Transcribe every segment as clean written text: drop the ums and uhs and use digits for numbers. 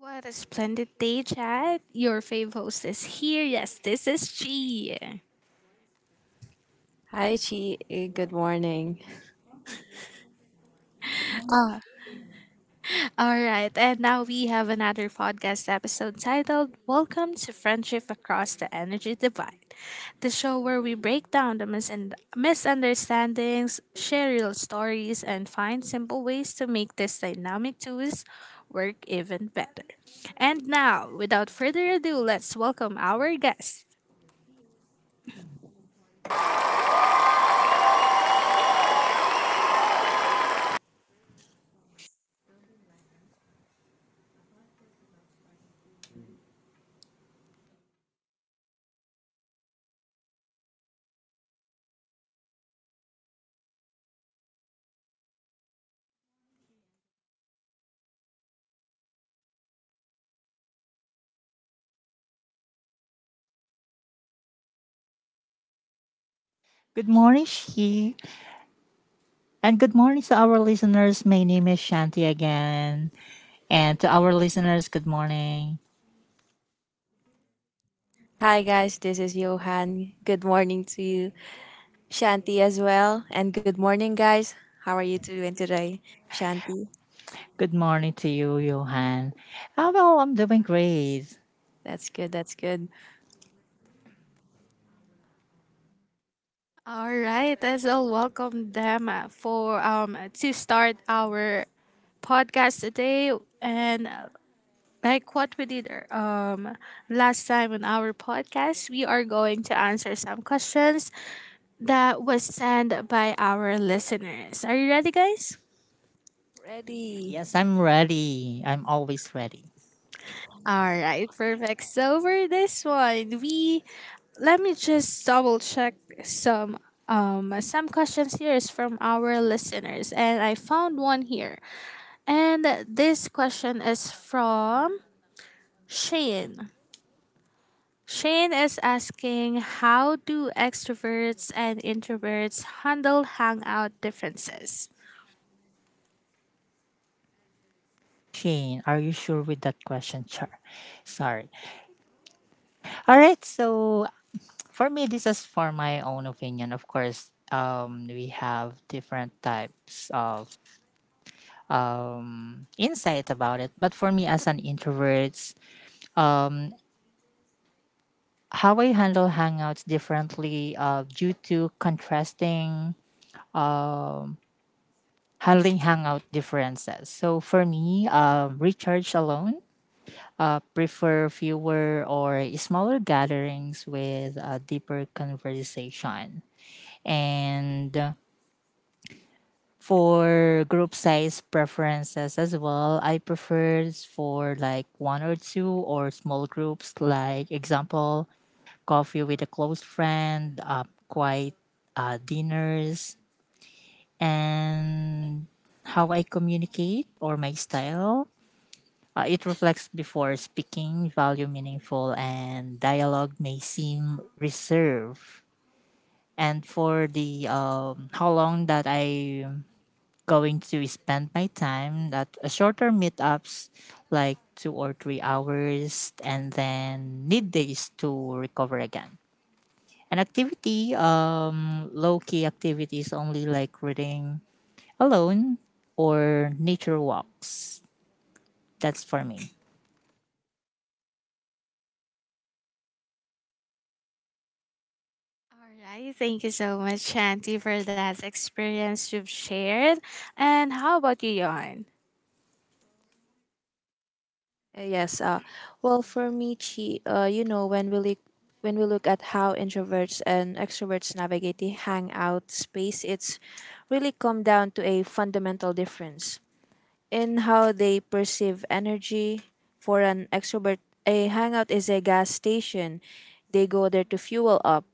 What a splendid day, Chad. Your fave host is here. Yes, this is she. Hi, Chi. Good morning. All right, and now we have another podcast episode titled Welcome to Friendship Across the Energy Divide, the show where we break down the misunderstandings, share real stories, and find simple ways to make this dynamic twos work even better. And now, without further ado, let's welcome our guest. Good morning, Shi. And good morning to our listeners. My name is Shanti again. And to our listeners, good morning. Hi, guys. This is Johan. Good morning to you, Shanti, as well. And good morning, guys. How are you doing today, Shanti? Good morning to you, Johan. Oh, well, I'm doing great. That's good. That's good. All right, let's all welcome them for to start our podcast today. And like what we did last time on our podcast, we are going to answer some questions that was sent by our listeners. Are you ready, guys? Ready? Yes, I'm ready. I'm always ready. All right, perfect. So for this one, we let me just double check some some questions here is from our listeners, and I found one here. And this question is from Shane. Shane is asking how do extroverts and introverts handle hangout differences? Shane, are you sure with that question? Sure. Sorry. All right. So, for me, this is for my own opinion. Of course, we have different types of insight about it. But for me, as an introvert, um, how I handle hangouts differently due to contrasting handling hangout differences. So for me, recharge alone. Prefer fewer or smaller gatherings with a deeper conversation. And for group size preferences as well, I prefer for like one or two or small groups, like example, coffee with a close friend, quiet dinners, and how I communicate or my style. It reflects before speaking, value meaningful, and dialogue may seem reserved. And for the how long that I going to spend my time at a shorter meetups like 2 or 3 hours and then need days to recover again an activity low-key activities only like reading alone or nature walks, that's for me. All right, thank you so much, Shanti, for that experience you've shared. And how about you, Johan? Yes. Well, for me, Chi, you know, when we look at how introverts and extroverts navigate the hangout space, it's really come down to a fundamental difference in how they perceive energy. For an extrovert, a hangout is a gas station. They go there to fuel up.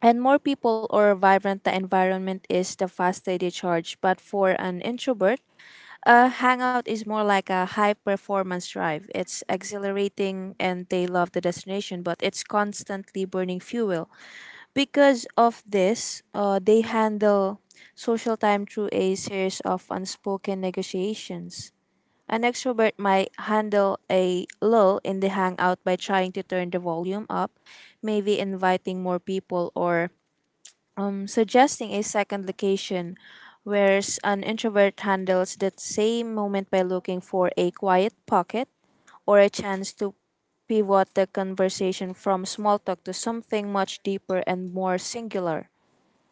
And more people or vibrant the environment is, the faster they charge. But for an introvert, a hangout is more like a high performance drive. It's exhilarating and they love the destination, but it's constantly burning fuel. Because of this, they handle social time through a series of unspoken negotiations. An extrovert might handle a lull in the hangout by trying to turn the volume up, maybe inviting more people or suggesting a second location, whereas an introvert handles that same moment by looking for a quiet pocket or a chance to pivot the conversation from small talk to something much deeper and more singular.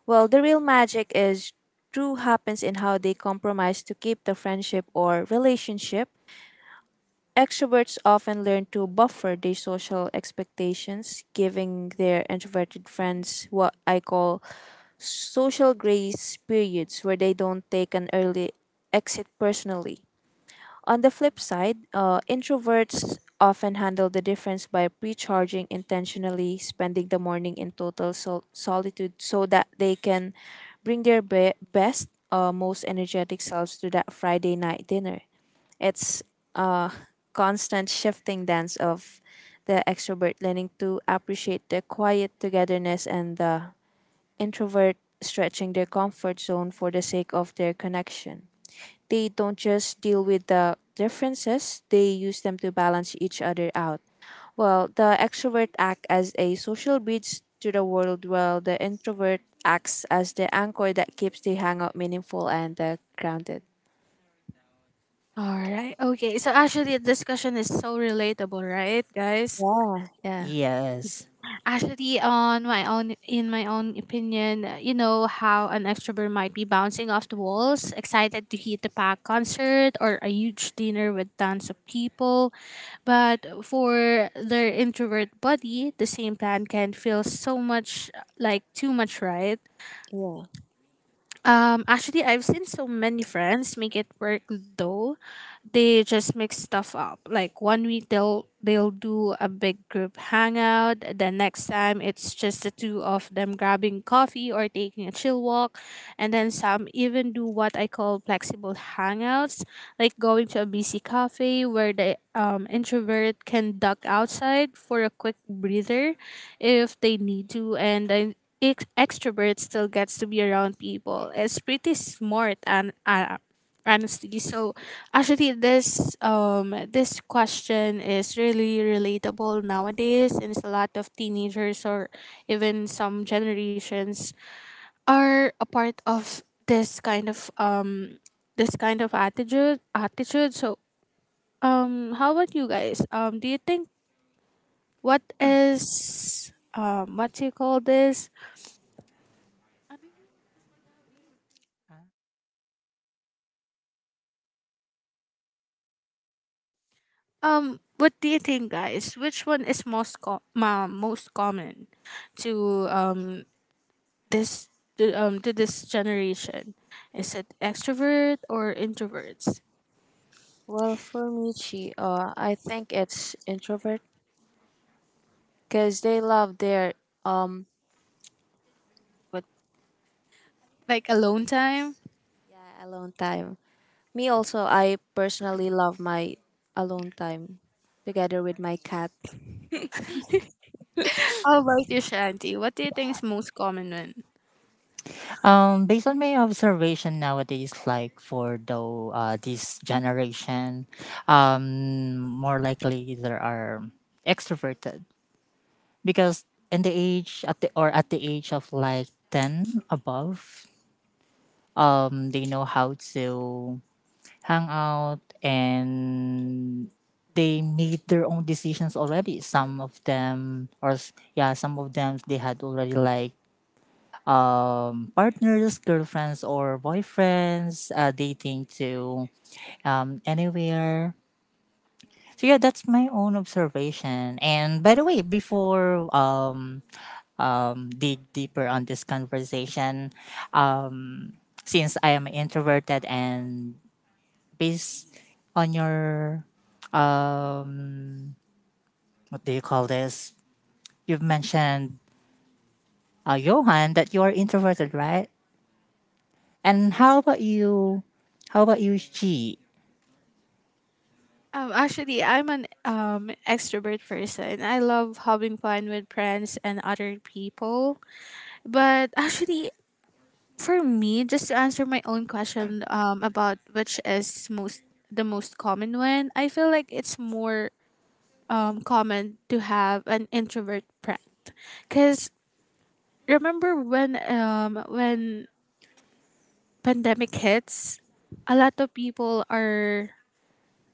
Well, the real magic is true happens in how they compromise to keep the friendship or relationship. Extroverts often learn to buffer their social expectations, giving their introverted friends what I call social grace periods where they don't take an early exit personally. On the flip side, introverts often handle the difference by precharging intentionally, spending the morning in total solitude so that they can bring their best, most energetic selves to that Friday night dinner. It's a constant shifting dance of the extrovert learning to appreciate the quiet togetherness and the introvert stretching their comfort zone for the sake of their connection. They don't just deal with the differences, they use them to balance each other out. Well, the extrovert act as a social bridge to the world while the introvert acts as the anchor that keeps the hangout meaningful and grounded. All right, okay. So actually, this question is so relatable, right, guys? Yeah. Yes. Actually, on my own, in my own opinion, you know how an extrovert might be bouncing off the walls, excited to hit a packed concert or a huge dinner with tons of people. But for their introvert body, the same plan can feel so much like too much, right? Yeah. Actually, I've seen so many friends make it work though they just mix stuff up. Like one week they'll do a big group hangout, the next time it's just the two of them grabbing coffee or taking a chill walk, and then some even do what I call flexible hangouts, like going to a busy cafe where the introvert can duck outside for a quick breather if they need to and then extrovert still gets to be around people. It's pretty smart and, honestly. So actually this this question is really relatable nowadays and it's a lot of teenagers or even some generations are a part of this kind of attitude. So how about you guys? Do you think what do you call this? What do you think, guys? Which one is most common? to um this to this generation? Is it extrovert or introverts? Well, for me, Chi, I think it's introvert because they love their um, what? Like alone time? Yeah, alone time. Me also. I personally love my alone time together with my cat. How about you, Shanti? What do you think is most common one? Based on my observation nowadays, like for though this generation, more likely there are extroverted because in the age at the or at the age of like 10 above, they know how to hang out and they made their own decisions already, some of them, yeah, some of them they had already like partners, girlfriends or boyfriends, dating to anywhere. So yeah, that's my own observation. And by the way, before dig deeper on this conversation. Um, since I am introverted and based on your um, what do you call this? You've mentioned Johan, that you are introverted, right? And how about you? How about you, Chi? Actually, I'm an extrovert person. I love having fun with friends and other people. But actually, for me, just to answer my own question, about which is most the most common one, I feel like it's more common to have an introvert friend, cause remember when pandemic hits, a lot of people are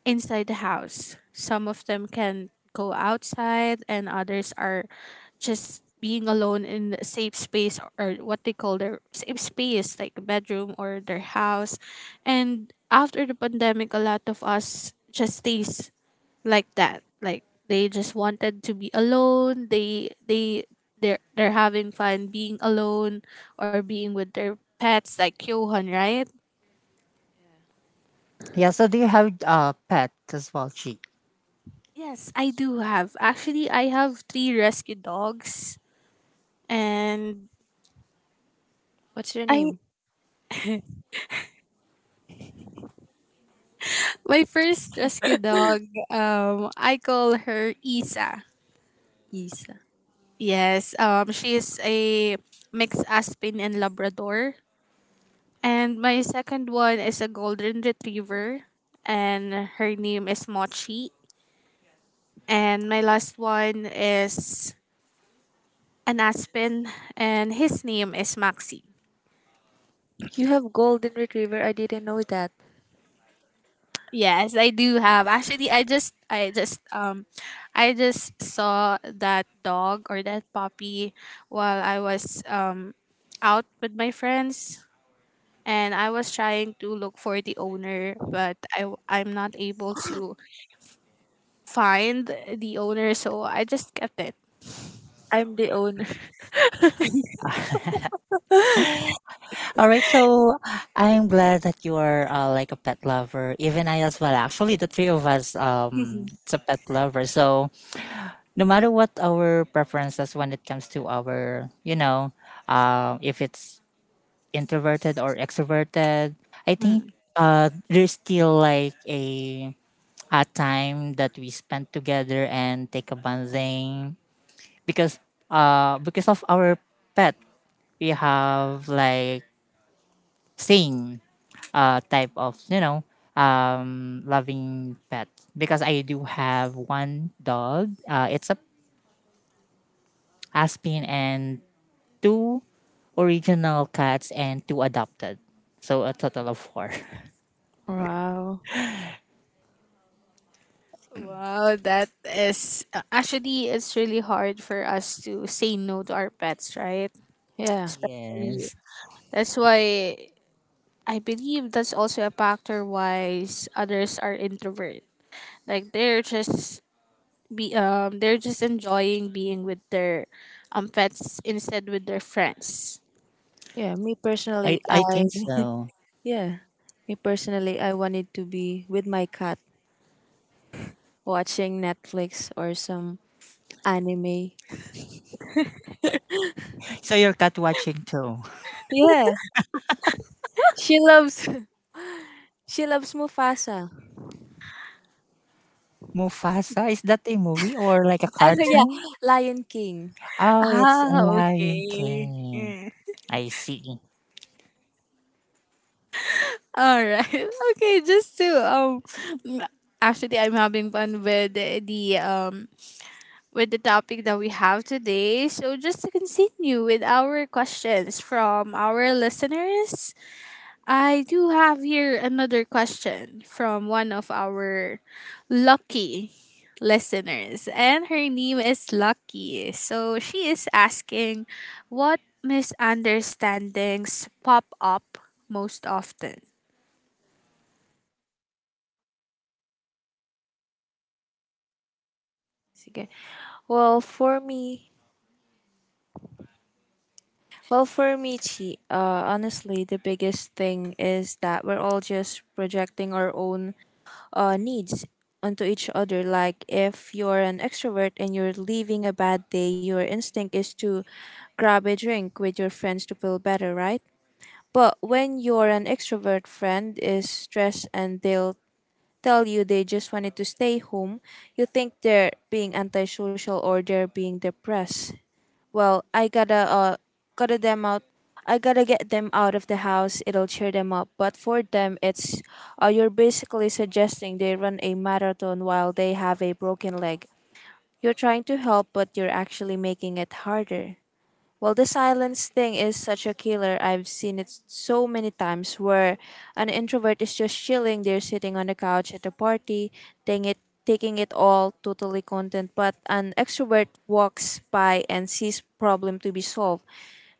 inside the house. Some of them can go outside and others are just being alone in a safe space or what they call their safe space like bedroom or their house. And after the pandemic a lot of us just stays like that like they just wanted to be alone. They're having fun being alone or being with their pets like Johan, right? Yeah, so do you have pet as well, Chi? Yes, I do have. Actually, I have three rescue dogs. And What's your I name? my first rescue dog. I call her Isa. Isa. Yes. She is a mixed aspen and labrador. And my second one is a golden retriever, and her name is Mochi. And my last one is an aspen, and his name is Maxi. You have golden retriever. I didn't know that. Yes, I do have. Actually, I just saw that dog or that puppy while I was out with my friends, and I was trying to look for the owner, but I'm not able to find the owner, so I just kept it. I'm the owner. All right, so I'm glad that you are like a pet lover. Even I as well. Actually, the three of us, Mhm. it's a pet lover. So no matter what our preferences when it comes to our, you know, if it's introverted or extroverted, I think Mm. There's still like a time that we spend together and take a bonding because because of our pet, we have like same type of, you know, loving pet, because I do have one dog, it's a Aspen, and two original cats and two adopted. So a total of four. Wow. Wow, that is actually it's really hard for us to say no to our pets, right? Yeah. Especially Yes. that's why I believe that's also a factor why others are introvert. Like they're just enjoying being with their pets instead with their friends. Yeah. Me I, personally, I I think so. yeah. Me personally, I wanted to be with my cat watching Netflix or some anime. So you're cat watching too. Yeah, she loves she loves Mufasa. Mufasa, is that a movie or like a Ano, yeah, cartoon? Lion King. Oh, it's a Ah, Lion okay. King. I see. All right. Okay, m- actually I'm having fun with the topic that we have today. So just to continue with our questions from our listeners, I do have here another question from one of our lucky listeners and her name is Lucky. So she is asking what misunderstandings pop up most often. Sige. Well, for me, well, for me, Chi, honestly, the biggest thing is that we're all just projecting our own needs onto each other. Like if you're an extrovert and you're leaving a bad day, your instinct is to grab a drink with your friends to feel better, right? But when your an extrovert friend is stressed and they'll tell you they just wanted to stay home, you think they're being antisocial or they're being depressed. Well, I gotta gotta them out. I gotta get them out of the house. It'll cheer them up. But for them, it's you're basically suggesting they run a marathon while they have a broken leg. You're trying to help, but you're actually making it harder. Well, the silence thing is such a killer. I've seen it so many times where an introvert is just chilling. They're sitting on the couch at a party, taking it, taking it all totally content. But an extrovert walks by and sees problem to be solved.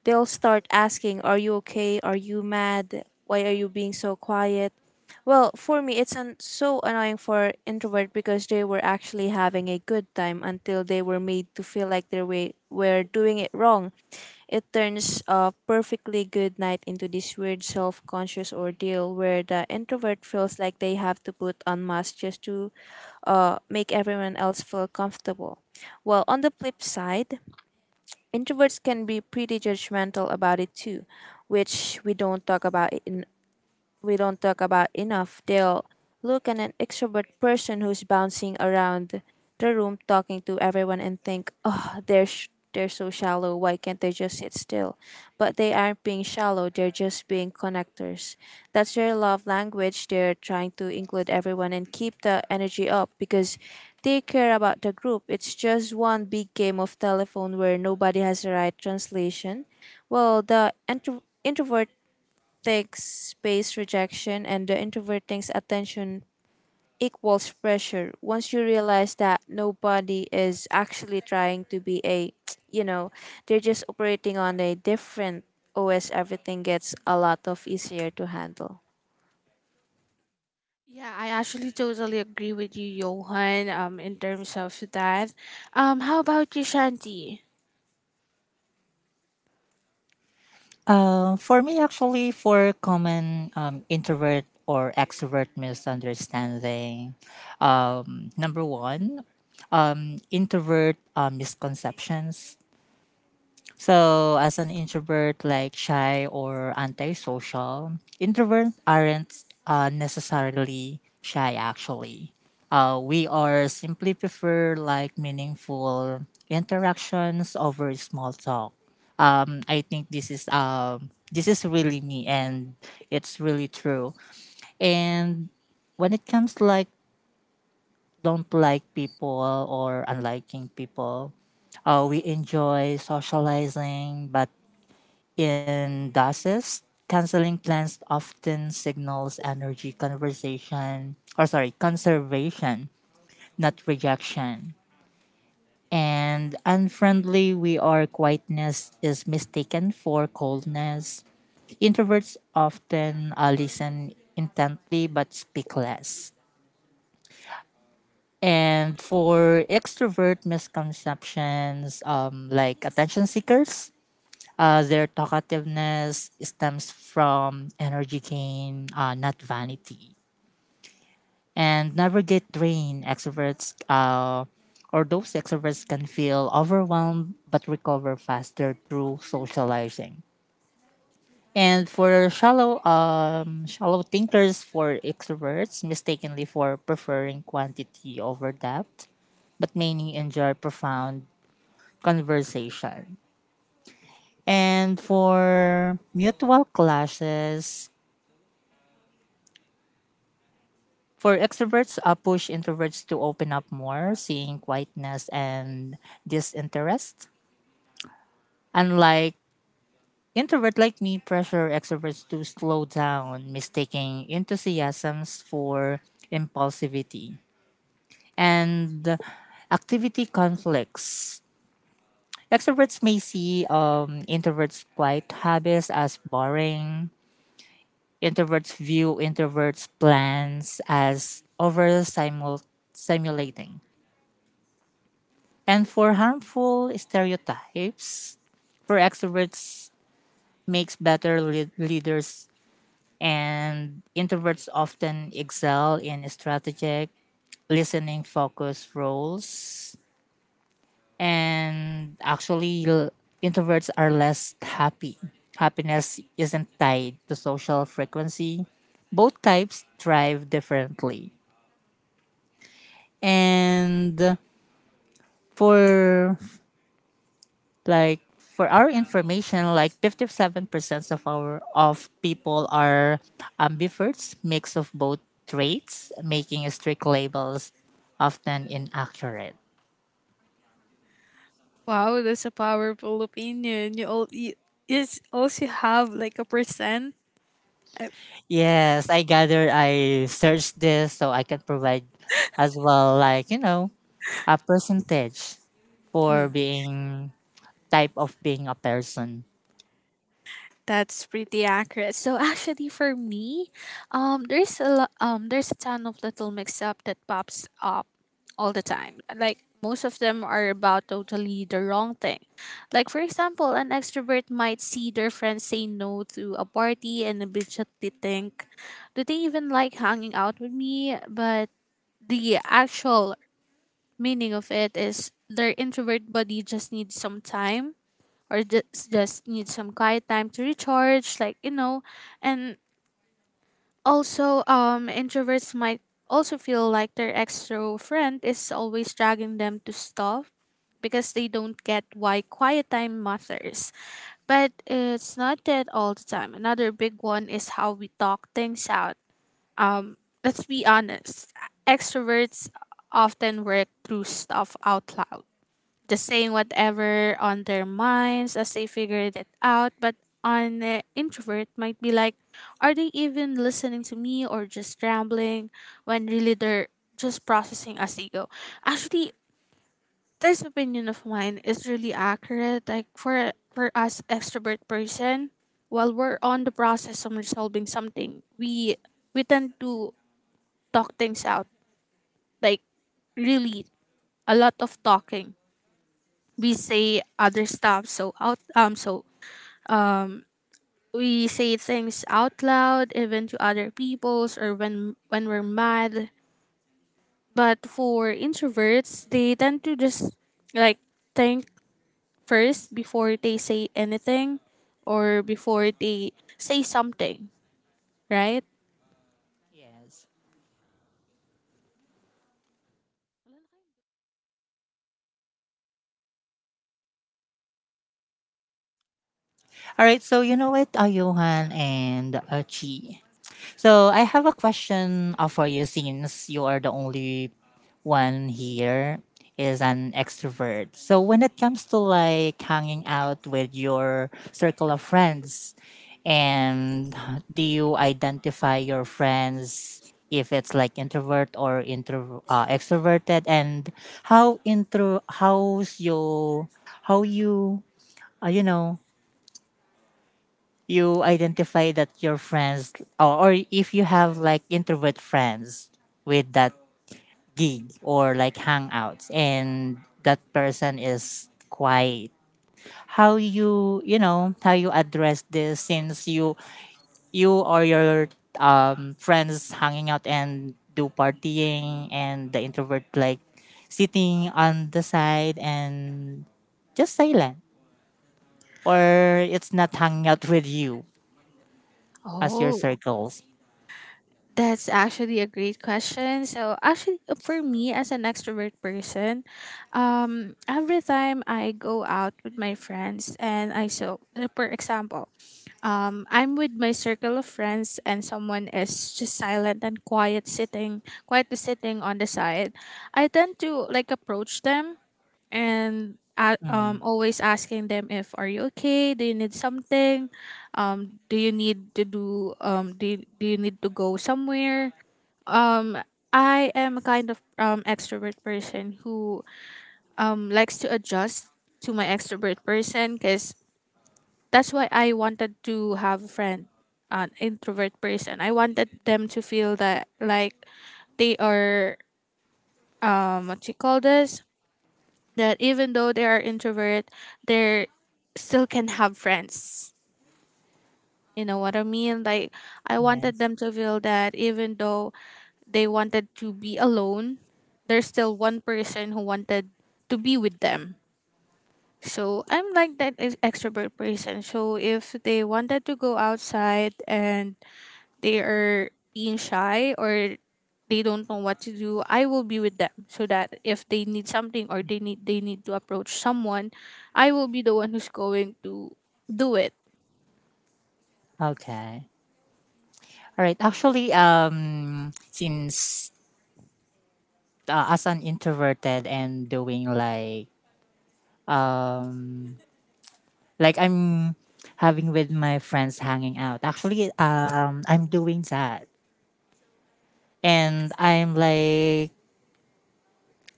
They'll start asking, "Are you okay? Are you mad? Why are you being so quiet?" Well, for me, it's an, so annoying for introvert because they were actually having a good time until they were made to feel like they were doing it wrong. It turns a perfectly good night into this weird self conscious ordeal where the introvert feels like they have to put on masks just to make everyone else feel comfortable. Well, on the flip side, introverts can be pretty judgmental about it too, which we don't talk about enough. They'll look at an extrovert person who's bouncing around the room talking to everyone and think, oh, they're so shallow. Why can't they just sit still? But they aren't being shallow, they're just being connectors. That's their love language. They're trying to include everyone and keep the energy up because they care about the group. It's just one big game of telephone where nobody has the right translation. Well, the introvert takes space rejection and the introvert thinks attention equals pressure. Once you realize that nobody is actually trying to be a you know, they're just operating on a different OS, everything gets a lot of easier to handle. Yeah, I actually totally agree with you, Johan, in terms of that. How about you, Shanti? For me, actually, for common introvert or extrovert misunderstanding, number one, introvert misconceptions. So, as an introvert, like shy or antisocial, introverts aren't necessarily shy actually. We are simply prefer like meaningful interactions over small talk. I think this is really me and it's really true. And when it comes to like don't like people or unliking people, we enjoy socializing, but in DOSes, canceling plans often signals energy conversation or sorry, conservation, not rejection. And unfriendly we are quietness is mistaken for coldness. Introverts often listen intently but speak less. And for extrovert misconceptions, like attention seekers, their talkativeness stems from energy gain, not vanity. And never get drained. Extroverts or those extroverts can feel overwhelmed but recover faster through socializing. And for shallow, shallow thinkers, for extroverts, mistakenly for preferring quantity over depth, but many enjoy profound conversation. And for mutual clashes, for extroverts, push introverts to open up more, seeing quietness and disinterest. Unlike introvert like me, pressure extroverts to slow down, mistaking enthusiasms for impulsivity. And activity conflicts. Extroverts may see introverts' quiet habits as boring. Introverts view introverts' plans as over simulating. And for harmful stereotypes, for extroverts makes better leaders, and introverts often excel in strategic listening focused roles. And actually, introverts are less happy, happiness isn't tied to social frequency, both types thrive differently. And for like for our information, like 57% of our of people are ambivert, mix of both traits, making strict labels often inaccurate. Wow, that's a powerful opinion. You all you, also have like a percent. I. Yes, I gather I searched this so I can provide as well, like, you know, a percentage for being type of being a person. That's pretty accurate. So actually for me, there's a ton of little mix up that pops up all the time. Like most of them are about totally the wrong thing. Like for example, an extrovert might see their friends say no to a party and immediately think, do they even like hanging out with me? But the actual meaning of it is their introvert body just needs some time or just need some quiet time to recharge, like, and also introverts might also feel like their extrovert friend is always dragging them to stop because they don't get why quiet time matters, but it's not that all the time. Another big one is how we talk things out. um let's be honest, extroverts often work through stuff out loud, just saying whatever on their minds as they figured it out. But on the introvert might be like, are they even listening to me, or just rambling when really they're just processing as they go? Actually, this opinion of mine is really accurate. Like for us extrovert person, while we're on the process of resolving something, we tend to talk things out. Like really, a lot of talking, we say other stuff so out so um we say things out loud even to other peoples or when we're mad, but for introverts they tend to just like think first before they say anything or before they say something, right? Yes. All right, so you know it, Johan and Chi. So I have a question for you, since you are the only one here is an extrovert. So when it comes to like hanging out with your circle of friends and do you identify your friends if it's like introvert or intro extroverted, and how intro how's your, how you you know, you identify that your friends, or if you have like introvert friends with that gig or like hangouts, and that person is quiet, how you, you know, how you address this since you or your friends hanging out and do partying, and the introvert like sitting on the side and just silent, or it's not hanging out with you as your Oh. circles. That's actually a great question. So actually for me as an extrovert person, every time I go out with my friends and I so for example, I'm with my circle of friends and someone is just silent and quiet, sitting quietly sitting on the side, I tend to like approach them and Mm-hmm. always asking them if are you okay, do you need something, do you need to go somewhere. um I am a kind of extrovert person who likes to adjust to my extrovert person cuz that's why I wanted to have a friend, an introvert person. I wanted them to feel that like they are, what you call this, that even though they are introvert, they still can have friends. You know what I mean? Like I wanted Yes. them to feel that even though they wanted to be alone, there's still one person who wanted to be with them. So I'm like that extrovert person. So if they wanted to go outside and they are being shy or they don't know what to do, I will be with them so that if they need something, or they need to approach someone, I will be the one who's going to do it. Okay. All right. Actually, since as an introverted and doing um like I'm having with my friends hanging out. Actually, I'm doing that, and I'm like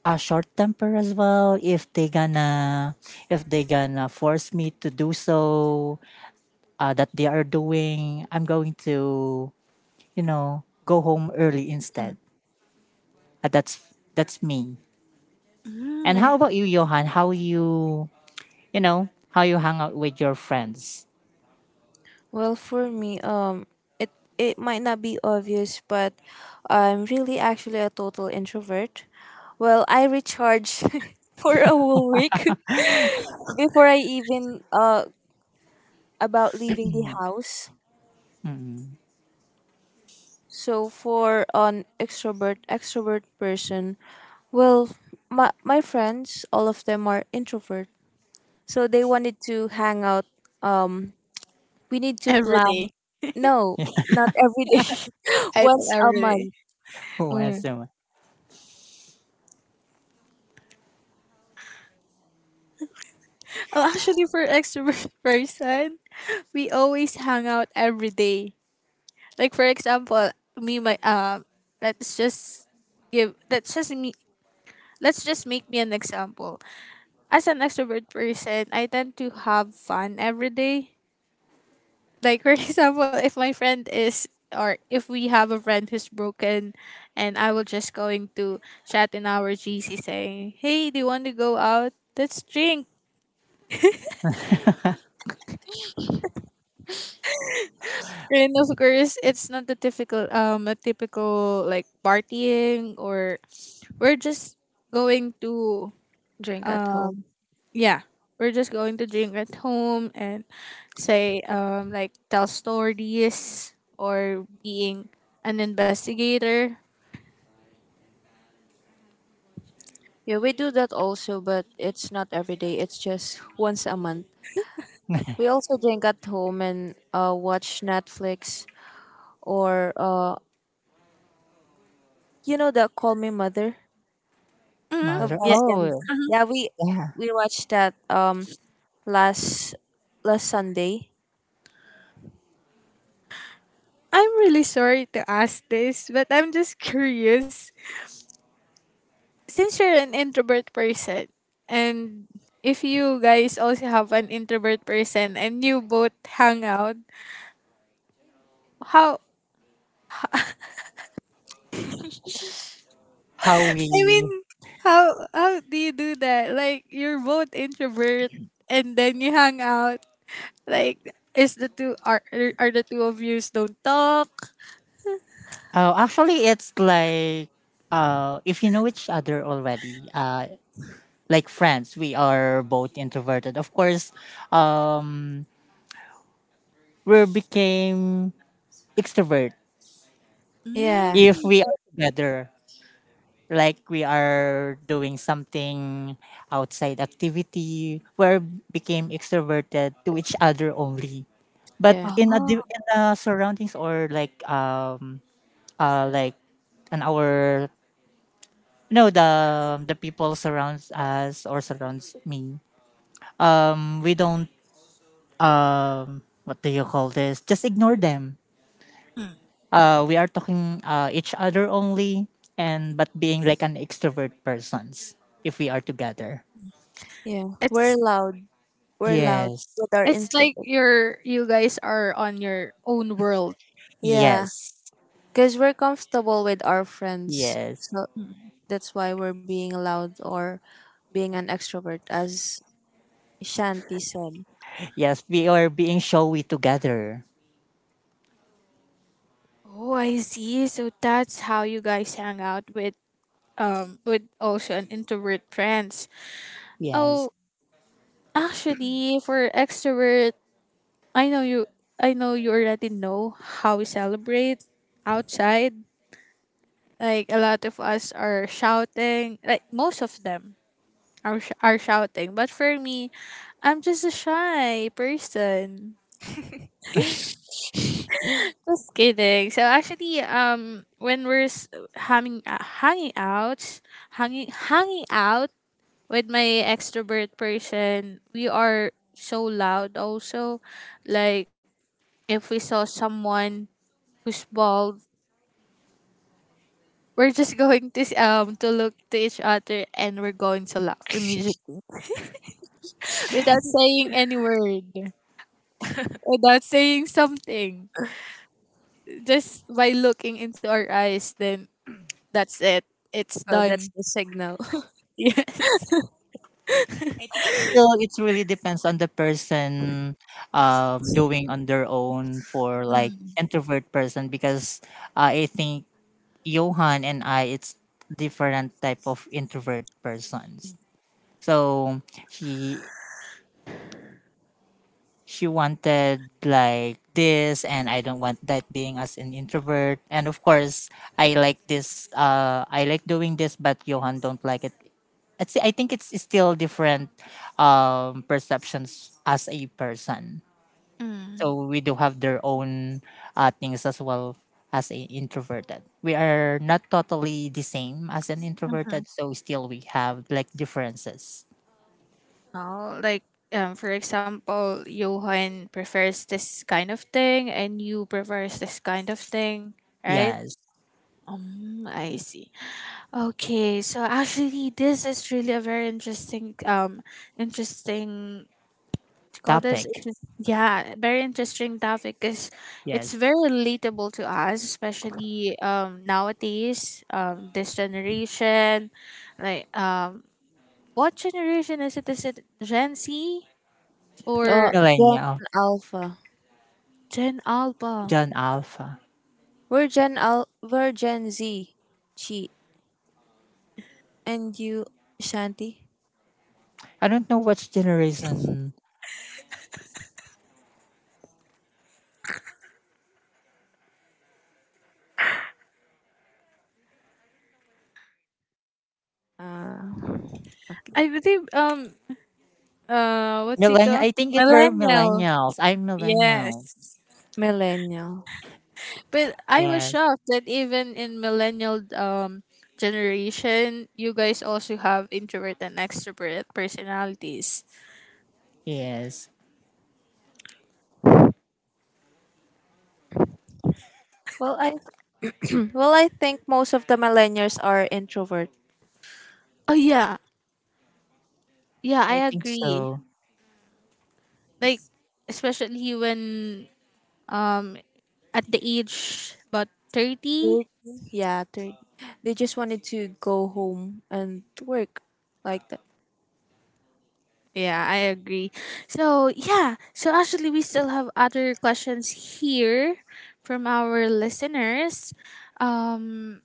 a short temper as well. If they gonna force me to do so, that they are doing, I'm going to, you know, go home early Mm. instead. That's me. Mm. And how about you, Johan? How you, you know, how you hang out with your friends? Well, for me, it it might not be obvious, but I'm really actually a total introvert. Well, I recharge for a whole week before I even about leaving the house. So for an extrovert person, well, my friends, all of them are introvert. So they wanted to hang out. Um, we need to Every day. plan. No, not every day. I do Once a every day. month, Who Mm. has a Oh, actually, for extrovert person, we always hang out every day. Like for example, me my let's just give let's just me let's just make me an example. As an extrovert person, I tend to have fun every day. Like for example, if my friend is, or if we have a friend who's broken, and I will just going to chat in our GC saying, "Hey, do you want to go out? Let's drink." And of course it's not the typical a typical like partying, or we're just going to, drink at home. yeah, we're just going to drink at home and say like tell stories or being an investigator. Yeah, we do that also, but it's not every day. It's just once a month. We also drink at home and watch Netflix or you know the Call Me Mother. Hmm, The mother? yeah. Vice Ganda. Oh, Mhm. Yeah, we yeah. we watched that last last Sunday. I'm really sorry to ask this but I'm just curious, since you're an introvert person, and if you guys also have an introvert person and you both hang out, how, How I mean, we? how do you do that, like you're both introvert and then you hang out. Like, is the two are the two of yous don't talk? Oh, actually, it's like, if you know each other already, like friends, we are both introverted. Of course, we became extrovert Yeah, if Mm. we are together. Like we are doing something outside activity where became extroverted to each other only, but yeah, in a Oh. In the surroundings or like an our, no, the people surrounds us or surrounds me, we don't um what do you call this, just ignore them. Mm. We are talking each other only, and but being like an extrovert persons if we are together. yeah. We're it's loud. We're Mm. loud Yes. with our It's like instrument. You guys are on your own world. Yeah, Yes. because we're comfortable with our friends, Yes. so Mm. that's why we're being loud or being an extrovert, as Shanti said. Yes. We are being showy together. Oh, I see. So that's how you guys hang out with with also an introvert friends. Yes. Oh, actually, for extrovert, I know you. I know you already know how we celebrate outside. Like a lot of us are shouting. Like most of them are shouting. But for me, I'm just a shy person. Just kidding. So actually, when hanging hanging out, hanging out with my extrovert person, we are so loud. Also, like if we saw someone who's bald, we're just going to look to each other and we're going to laugh immediately without saying any word, without saying something, just by looking into our eyes, then that's it. It's So that's done. the signal. Yes. I think still it really depends on the person doing on their own for like Mm. introvert person because I think Johan and I it's different type of introvert persons. So he. She wanted like this and I don't want that, being as an introvert, and of course I like this, I like doing this but Johan don't like it. It's, I think it's still different perceptions as a person, Mm. so we do have their own things as well. As a introverted, we are not totally the same as an Mm-hmm. introverted, so still we have like differences. Oh, like for example, Johan prefers this kind of thing, and you prefers this kind of thing, right? Yes. I see. Okay, so actually, this is really a very interesting. You call this it's Topic. just, yeah, very interesting topic because it's Yes. very relatable to us, especially nowadays, this generation. Like what generation is it? Is it gen z Uh, or Gen Millennial. Alpha. gen alpha? Gen Alpha. We're Gen Al. We're Gen Z. Chi and you, Shanti. I don't know which generation. Uh, I believe what's it Millennial. called, I think it were millennial? millennials. I'm millennials. Yes. Millennial. But I was Yes. shocked that even in millennial generation, you guys also have introvert and extrovert personalities. Yes. Well, I well, I think most of the millennials are introvert. Oh yeah, yeah, I I think agree. so. Like especially when um at the age about 30. Yeah, they just wanted to go home and work like that. Yeah, I agree. So yeah, so actually we still have other questions here from our listeners. Um,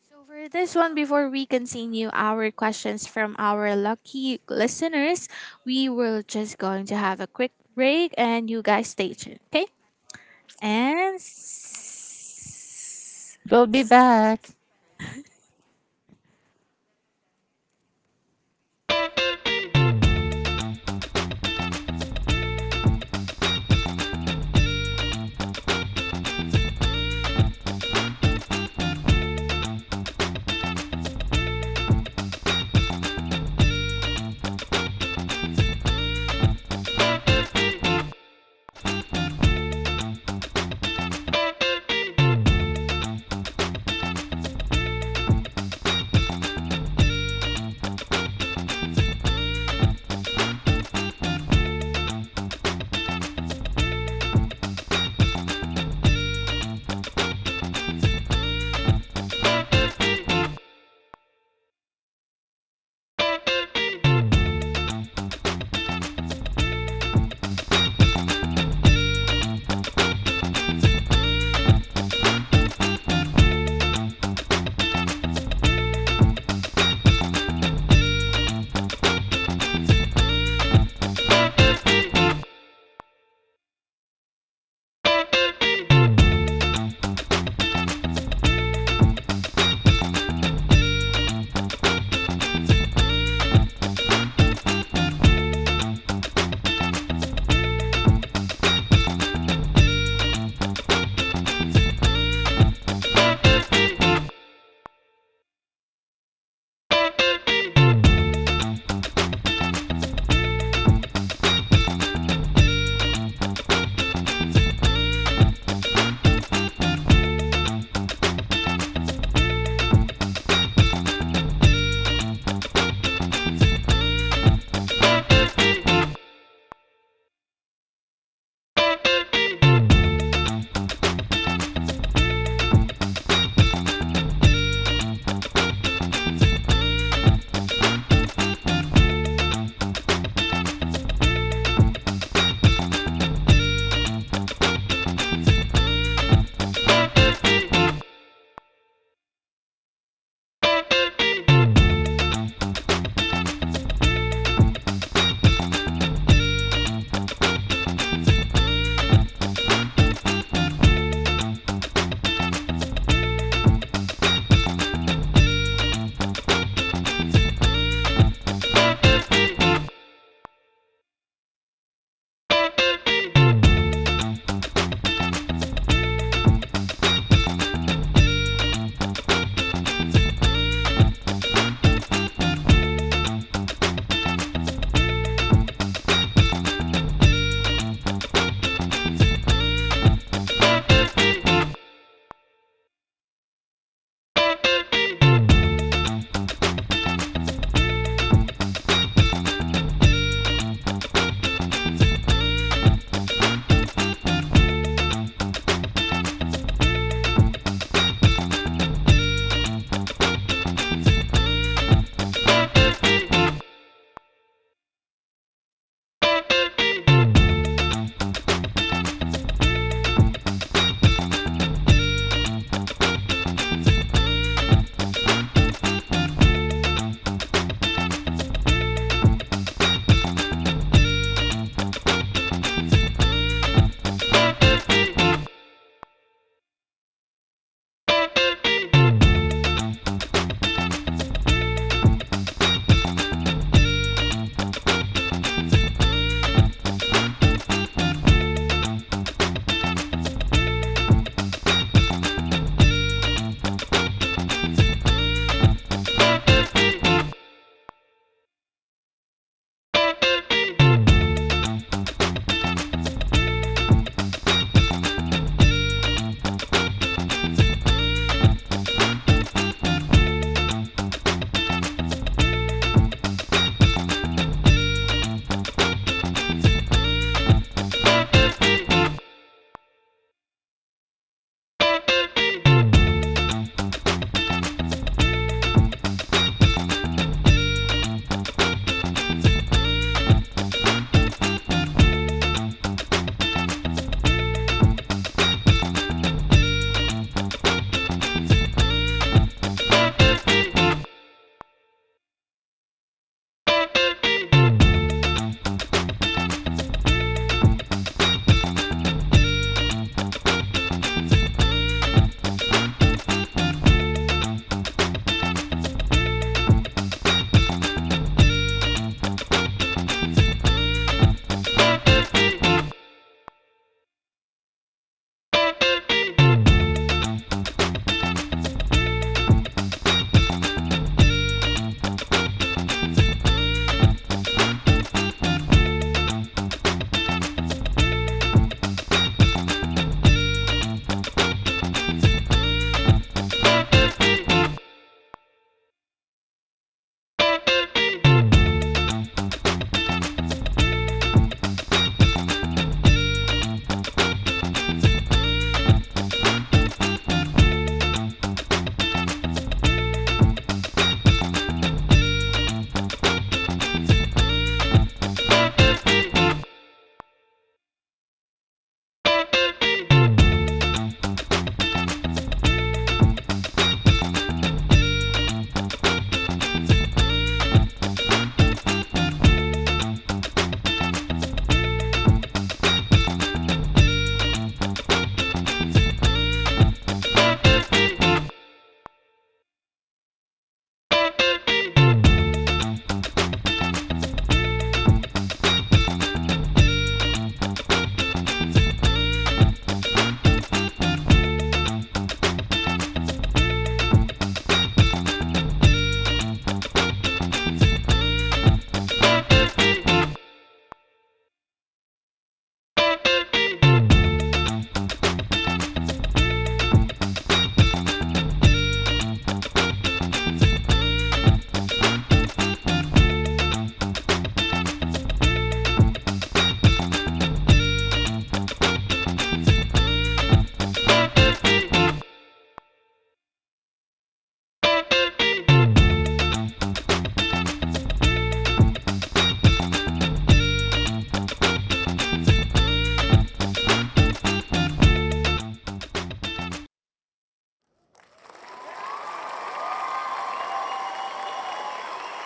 so for this one, before we continue our questions from our lucky listeners, we will just going to have a quick break, and you guys stay tuned, okay? And. s- We'll be back.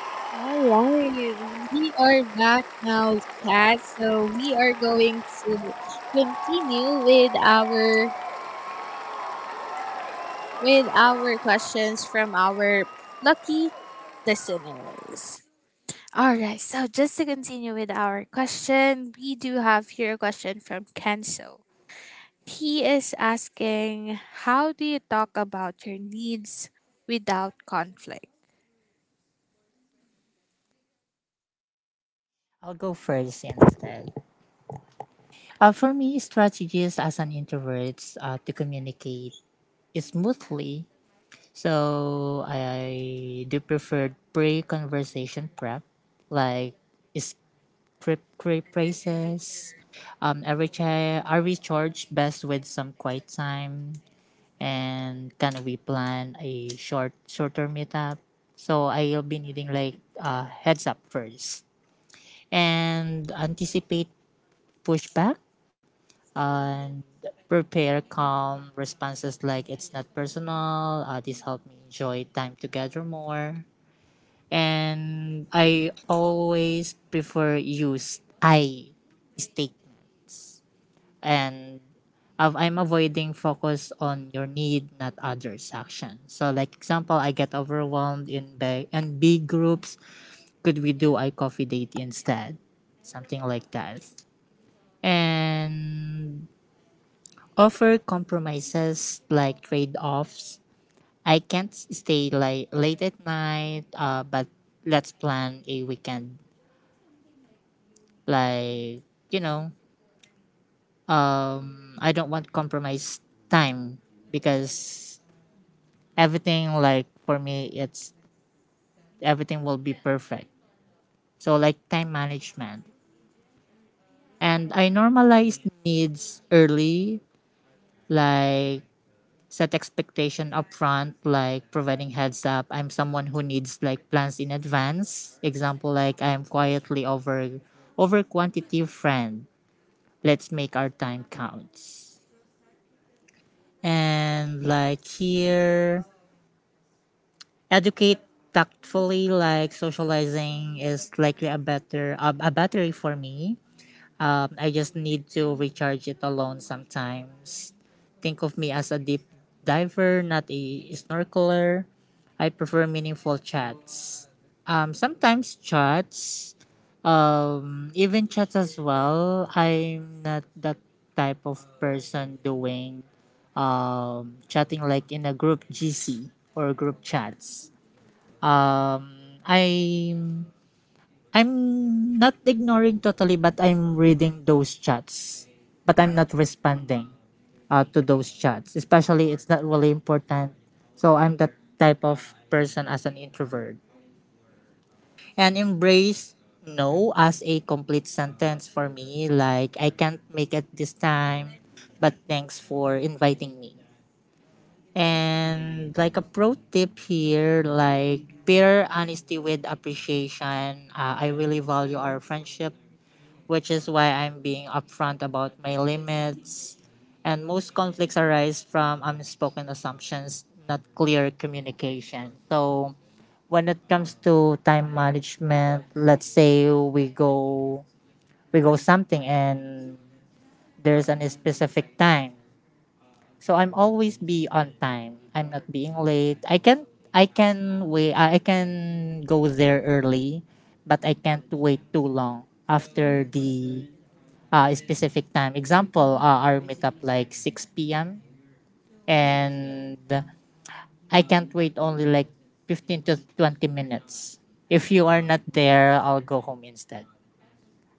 All right, we are back now, chat. So we are going to continue with our questions from our lucky listeners. All right, so just to continue with our question, we do have here a question from Kenzo. He is asking, how do you talk about your needs without conflict? I'll go first instead. For me, strategies as an introvert to communicate smoothly. So I do prefer pre-conversation prep, like trip races. Are we I recharge, best with some quiet time? And can we plan a shorter meetup? So I'll be needing like heads up first and anticipate pushback and prepare calm responses like it's not personal. This helped me enjoy time together more. And I always prefer use I statement and I'm avoiding focus on your need, not others' action. So, like example, I get overwhelmed in in big groups. Could we do a coffee date instead? Something like that. And offer compromises like trade offs. I can't stay like late at night. But let's plan a weekend. Like, you know, I don't want compromise time because everything, like for me it's everything will be perfect, so like time management. And I normalize needs early, like set expectation upfront. Like providing heads up, I'm someone who needs like plans in advance, example, like I am quietly over quantity friend, let's make our time counts. And like here educate tactfully, like socializing is likely a better a battery for me, I just need to recharge it alone sometimes. Think of me as a deep diver, not a snorkeler. I prefer meaningful chats, sometimes chats, even chats as well, I'm not that type of person doing chatting like in a group gc or group chats, um, I'm I'm not ignoring totally, but I'm reading those chats, but I'm not responding to those chats. Especially, it's not really important. So I'm that type of person as an introvert, and embrace no as a complete sentence for me. Like I can't make it this time, but thanks for inviting me. And like a pro tip here, like pair honesty with appreciation. I really value our friendship, which is why I'm being upfront about my limits. And most conflicts arise from unspoken assumptions, not clear communication. So when it comes to time management, let's say we go something and there's a specific time, so I'm always be on time. I'm not being late. I can wait. I can go there early, but I can't wait too long after the specific time. Example, our meetup like six p.m. And I can't wait only like 15 to 20 minutes. If you are not there, I'll go home instead.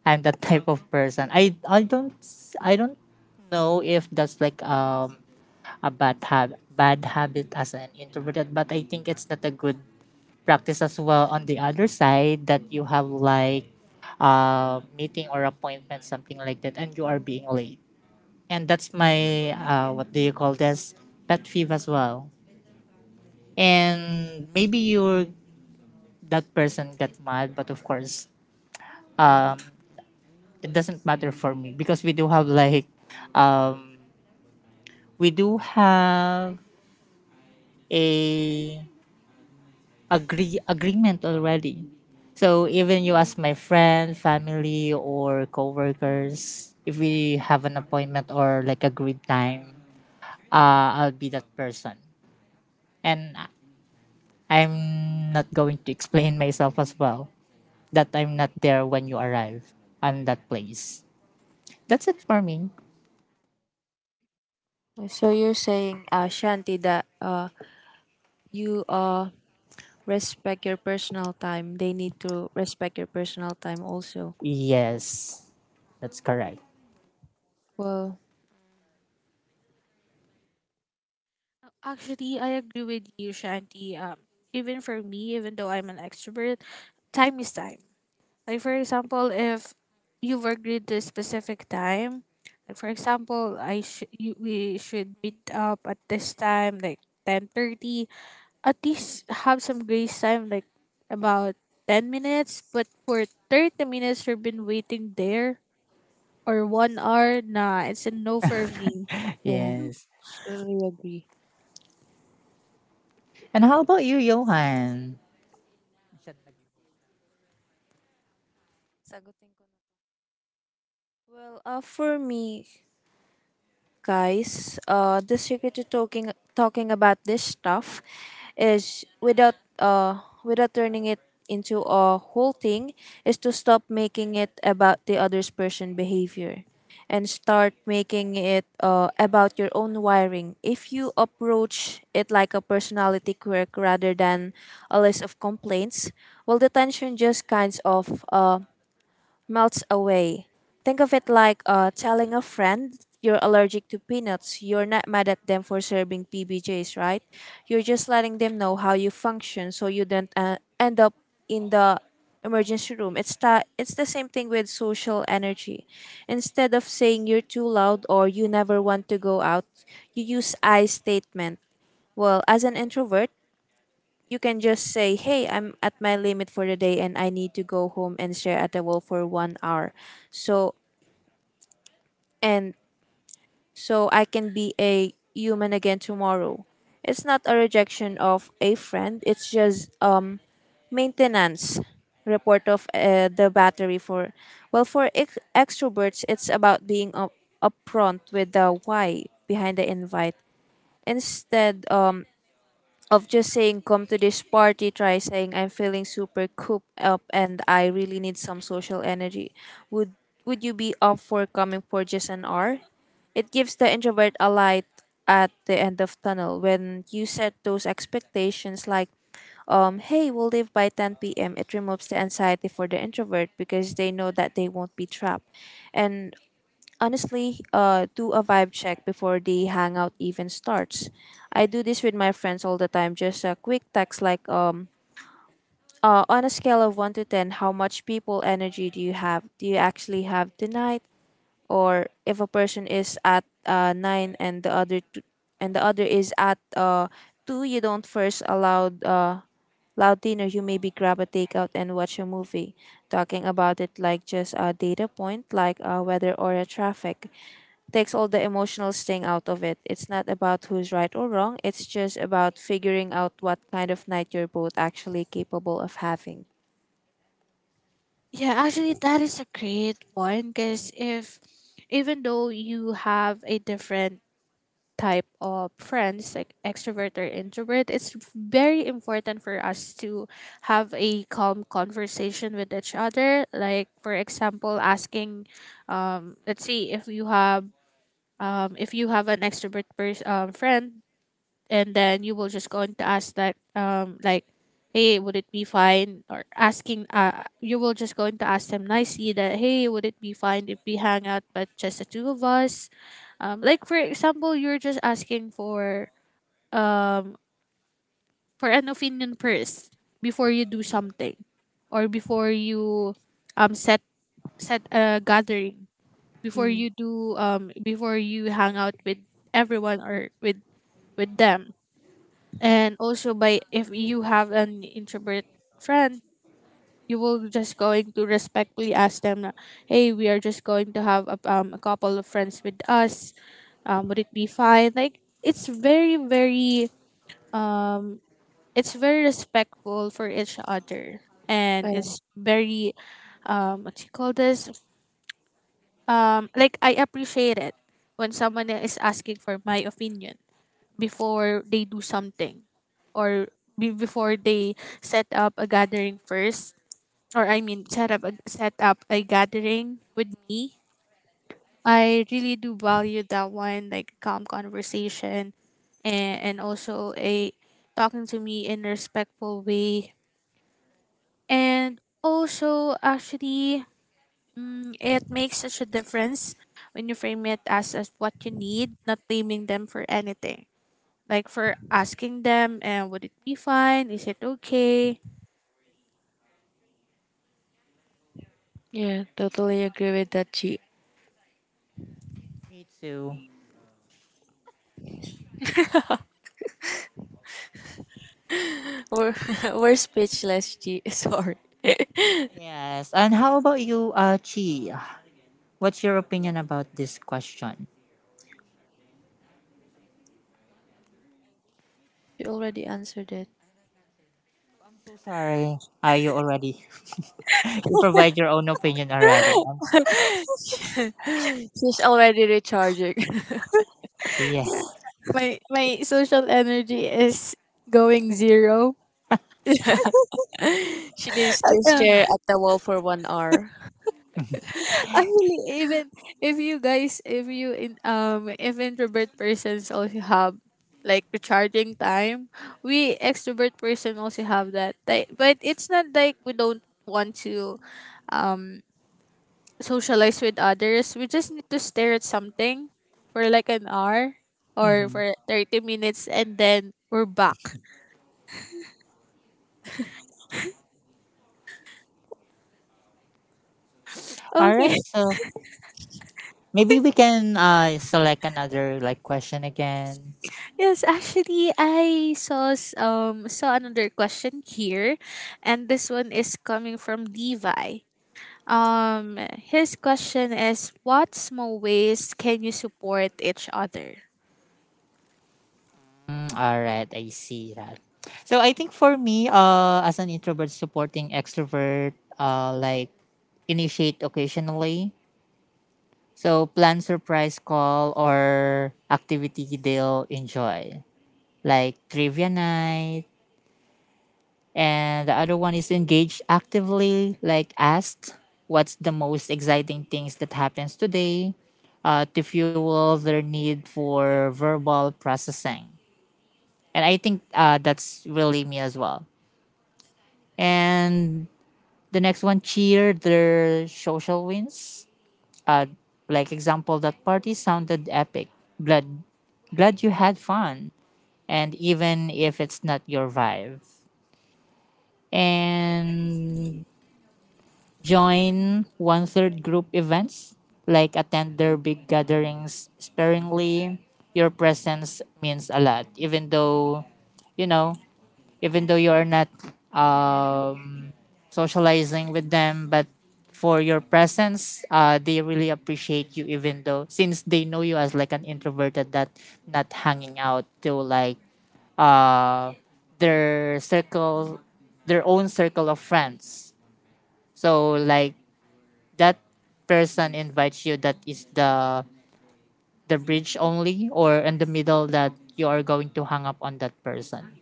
I'm that type of person. I don't know if that's like a bad habit as an introverted, but I think it's not a good practice as well. On the other side, that you have like meeting or appointment something like that and you are being late, and that's my what do you call this, pet peeve as well. And maybe you that person get mad, but of course, um, it doesn't matter for me, because we do have like, um, we do have a agreement already. So even you as my friend, family, or coworkers, if we have an appointment or like agreed time, I'll be that person. And I- I'm not going to explain myself as well, that I'm not there when you arrive on that place. That's it for me. So you're saying, Shanti, that you respect your personal time. They need to respect your personal time also. Yes, that's correct. Well, Actually, I agree with you, Shanti. Even for me, even though I'm an extrovert, time is time. Like for example, if you've agreed to a specific time, like for example, I should you we should meet up at this time, like 10:30. At least have some grace time, like about 10 minutes. But for 30 minutes, you've been waiting there, or one hour. Nah, it's a no for me. yeah, Yes. totally agree. And how about you, Johan? Sagutin ko na. Well, for me, guys. The secret to talking about this stuff is without turning it into a whole thing is to stop making it about the other's person behavior and start making it about your own wiring. If you approach it like a personality quirk rather than a list of complaints, well, the tension just kinds of melts away. Think of it like telling a friend you're allergic to peanuts. You're not mad at them for serving PBJs, right? You're just letting them know how you function so you don't end up in the emergency room. It's the same thing with social energy. Instead of saying you're too loud or you never want to go out, you use I statement. Well, as an introvert, you can just say, "Hey, I'm at my limit for the day, and I need to go home and share at the wall for 1 hour." So and so I can be a human again tomorrow. It's not a rejection of a friend. It's just maintenance report of the battery. For well, for extroverts, it's about being up upfront with the why behind the invite, instead of just saying come to this party. Try saying, I'm feeling super cooped up and I really need some social energy. Would would you be up for coming for just an hour? It gives the introvert a light at the end of tunnel. When you set those expectations like hey, we'll leave by 10 p.m., it removes the anxiety for the introvert because they know that they won't be trapped. And honestly, do a vibe check before the hangout even starts. I do this with my friends all the time, just a quick text like, on a scale of 1 to 10, how much people energy do you have? Do you actually have tonight? Or if a person is at 9 and the other two, and the other is at 2, you don't first allow loud dinner, you maybe grab a takeout and watch a movie. Talking about it like just a data point, like weather or a traffic, takes all the emotional sting out of it. It's not about who's right or wrong, it's just about figuring out what kind of night you're both actually capable of having. Yeah, actually, that is a great point, because if even though you have a different type of friends, like extrovert or introvert, it's very important for us to have a calm conversation with each other. Like, for example, asking, let's see if you have. If you have an extrovert friend and then you will just going to ask that like, hey, would it be fine? Or asking, you will just going to ask them nicely that, hey, would it be fine if we hang out but just the two of us? Um, like for example, you're just asking um for an opinion first before you do something, or before you um set set a gathering, before Mm. you do before you hang out with everyone or with them. And also by, if you have an introvert friend, you will just going to respectfully ask them na, hey, we are just going to have a couple of friends with us, would it be fine? Like it's very very um, it's very respectful for each other, and Well, it's very what you call this, like I appreciate it when someone is asking for my opinion before they do something, or before they set up a gathering first, or I mean set up set up a gathering with me. I really do value that one, like calm conversation and also a talking to me in a respectful way. And also actually, mm, it makes such a difference when you frame it as what you need, not blaming them for anything, like for asking them, and would it be fine? Is it okay? yeah, totally agree with that, Chi. Me too. We're, we're speechless. G. Sorry. Yes. And how about you, Chi? What's your opinion about this question? She already answered it. I'm so sorry. Are you already? You provide your own opinion already. I'm s- She's already recharging. yeah. My social energy is going zero. She needs to Yeah, stare at the wall for 1 hour. I really even if you guys if you in if introvert persons also have like recharging time, we extrovert person also have that. Like, but it's not like we don't want to um, socialize with others, we just need to stare at something for like an hour or Mhm. for 30 minutes and then we're back. All Okay. right. So maybe we can select another like question again. Yes, actually I saw saw another question here, and this one is coming from Levi. Um, his question is, what small ways can you support each other? Mm, all right. I see that. So I think for me, as an introvert supporting extrovert, like initiate occasionally. So plan surprise call or activity they'll enjoy, like trivia night. And the other one is engaged actively, like asked what's the most exciting things that happens today, to fuel their need for verbal processing. And I think that's really me as well. And the next one, cheer their social wins, uh, like example, that party sounded epic, glad glad you had fun, and even if it's not your vibe. And join one third group events, like attend their big gatherings sparingly. Your presence means a lot, even though, you know, even though you are not um, socializing with them. But for your presence, they really appreciate you, even though since they know you as like an introverted that not hanging out to like uh, their circle, their own circle of friends. So like that person invites you, that is the bridge only, or in the middle, that you are going to hang up on that person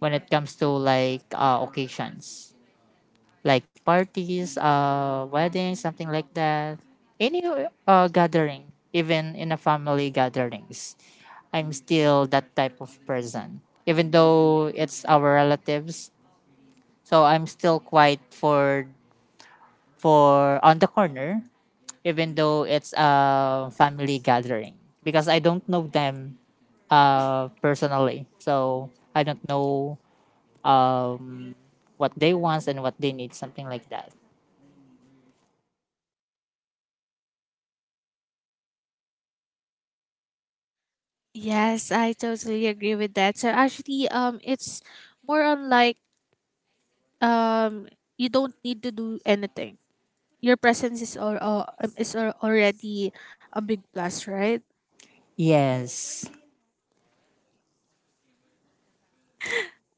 when it comes to like occasions, like parties, uh, weddings, something like that, any gathering, even in a family gatherings. I'm still that type of person, even though it's our relatives, so I'm still quiet for on the corner, even though it's a family gathering, because I don't know them personally. So I don't know um, what they want and what they need, something like that. Yes, I totally agree with that. So actually it's more on like you don't need to do anything, your presence is already a big plus, right? Yes,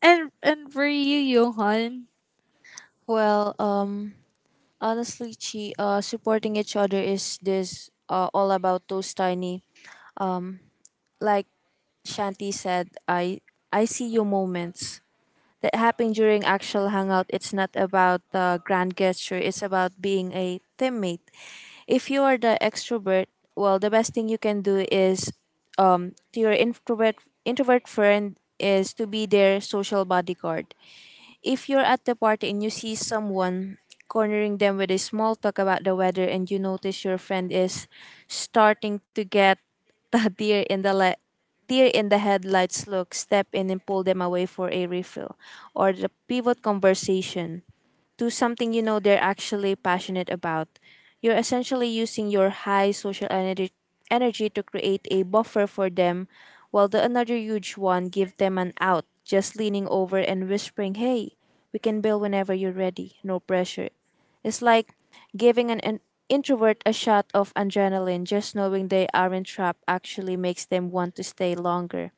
And for you, Johan. Well, honestly, Chi, supporting each other is this all about those tiny, like Shanti said, I see you moments that happen during actual hangout. It's not about the grand gesture. It's about being a teammate. If you are the extrovert, well, the best thing you can do is to your introvert friend is to be their social bodyguard. If you're at the party and you see someone cornering them with a small talk about the weather and you notice your friend is starting to get the deer in the headlights look, step in and pull them away for a refill or the pivot conversation to something you know they're actually passionate about. You're essentially using your high energy to create a buffer for them, while the another huge one give them an out, just leaning over and whispering, "Hey, we can build whenever you're ready. No pressure." It's like giving an introvert a shot of adrenaline. Just knowing they aren't trapped actually makes them want to stay longer.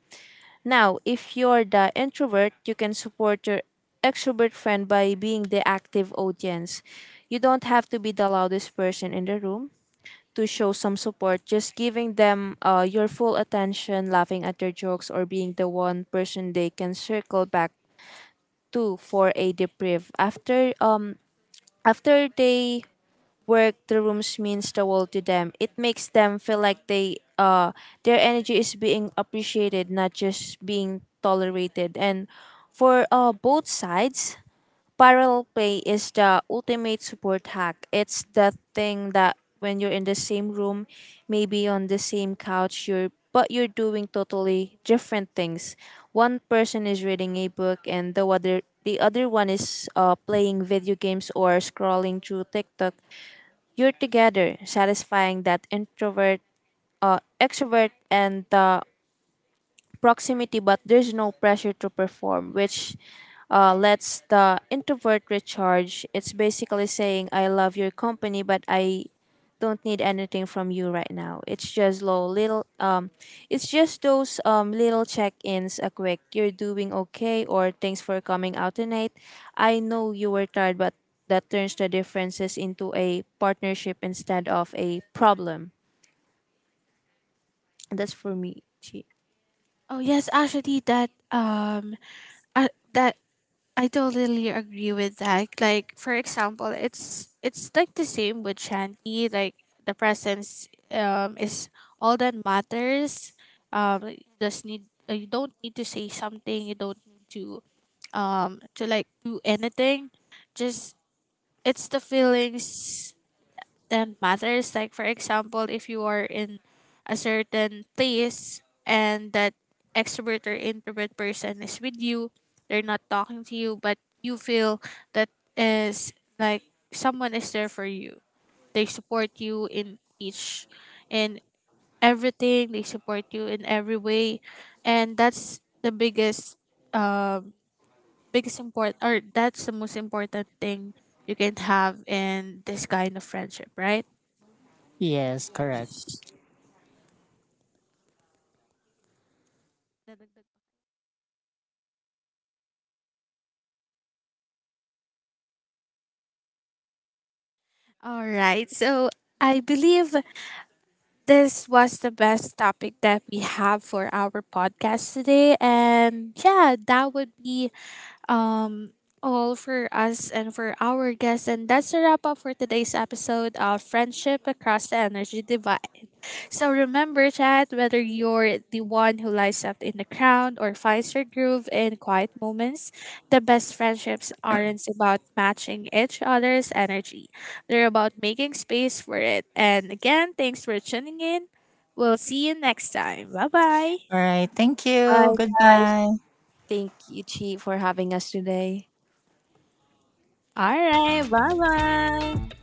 Now, if you're the introvert, you can support your extrovert friend by being the active audience. You don't have to be the loudest person in the room to show some support. Just giving them your full attention, laughing at their jokes, or being the one person they can circle back to for a debrief after they work the rooms means the world to them. It makes them feel like they their energy is being appreciated, not just being tolerated. And for both sides, parallel play is the ultimate support hack. It's the thing that when you're in the same room, maybe on the same couch, you're but you're doing totally different things. One person is reading a book and the other one is playing video games or scrolling through TikTok. You're together, satisfying that introvert, extrovert, and the proximity, but there's no pressure to perform, which lets the introvert recharge. It's basically saying, I love your company, but I don't need anything from you right now. It's just low little it's just those little check-ins, a quick you're doing okay or thanks for coming out tonight. I know you were tired, but that turns the differences into a partnership instead of a problem. That's for me. Chi. Oh yes, actually that that I totally agree with that. Like for example, it's like the same with Shanti. Like the presence is all that matters. You just need you don't need to say something. You don't need to like do anything. Just it's the feelings that matters. Like for example, if you are in a certain place and that extrovert or introvert person is with you, they're not talking to you, but you feel that is like someone is there for you. They support you in each in everything. They support you in every way, and that's the biggest um biggest important, or that's the most important thing you can have in this kind of friendship, right? yes, correct. All right. So I believe this was the best topic that we have for our podcast today. And yeah, that would be um all for us and for our guests. And that's a wrap up for today's episode of Friendship Across the Energy Divide. So remember, Chad, whether you're the one who lights up in the crowd or finds your groove in quiet moments, the best friendships aren't about matching each other's energy. They're about making space for it. And again, thanks for tuning in. We'll see you next time. Bye bye. All right, thank you. Bye. Goodbye. Thank you, Chi, for having us today. All right. Bye bye.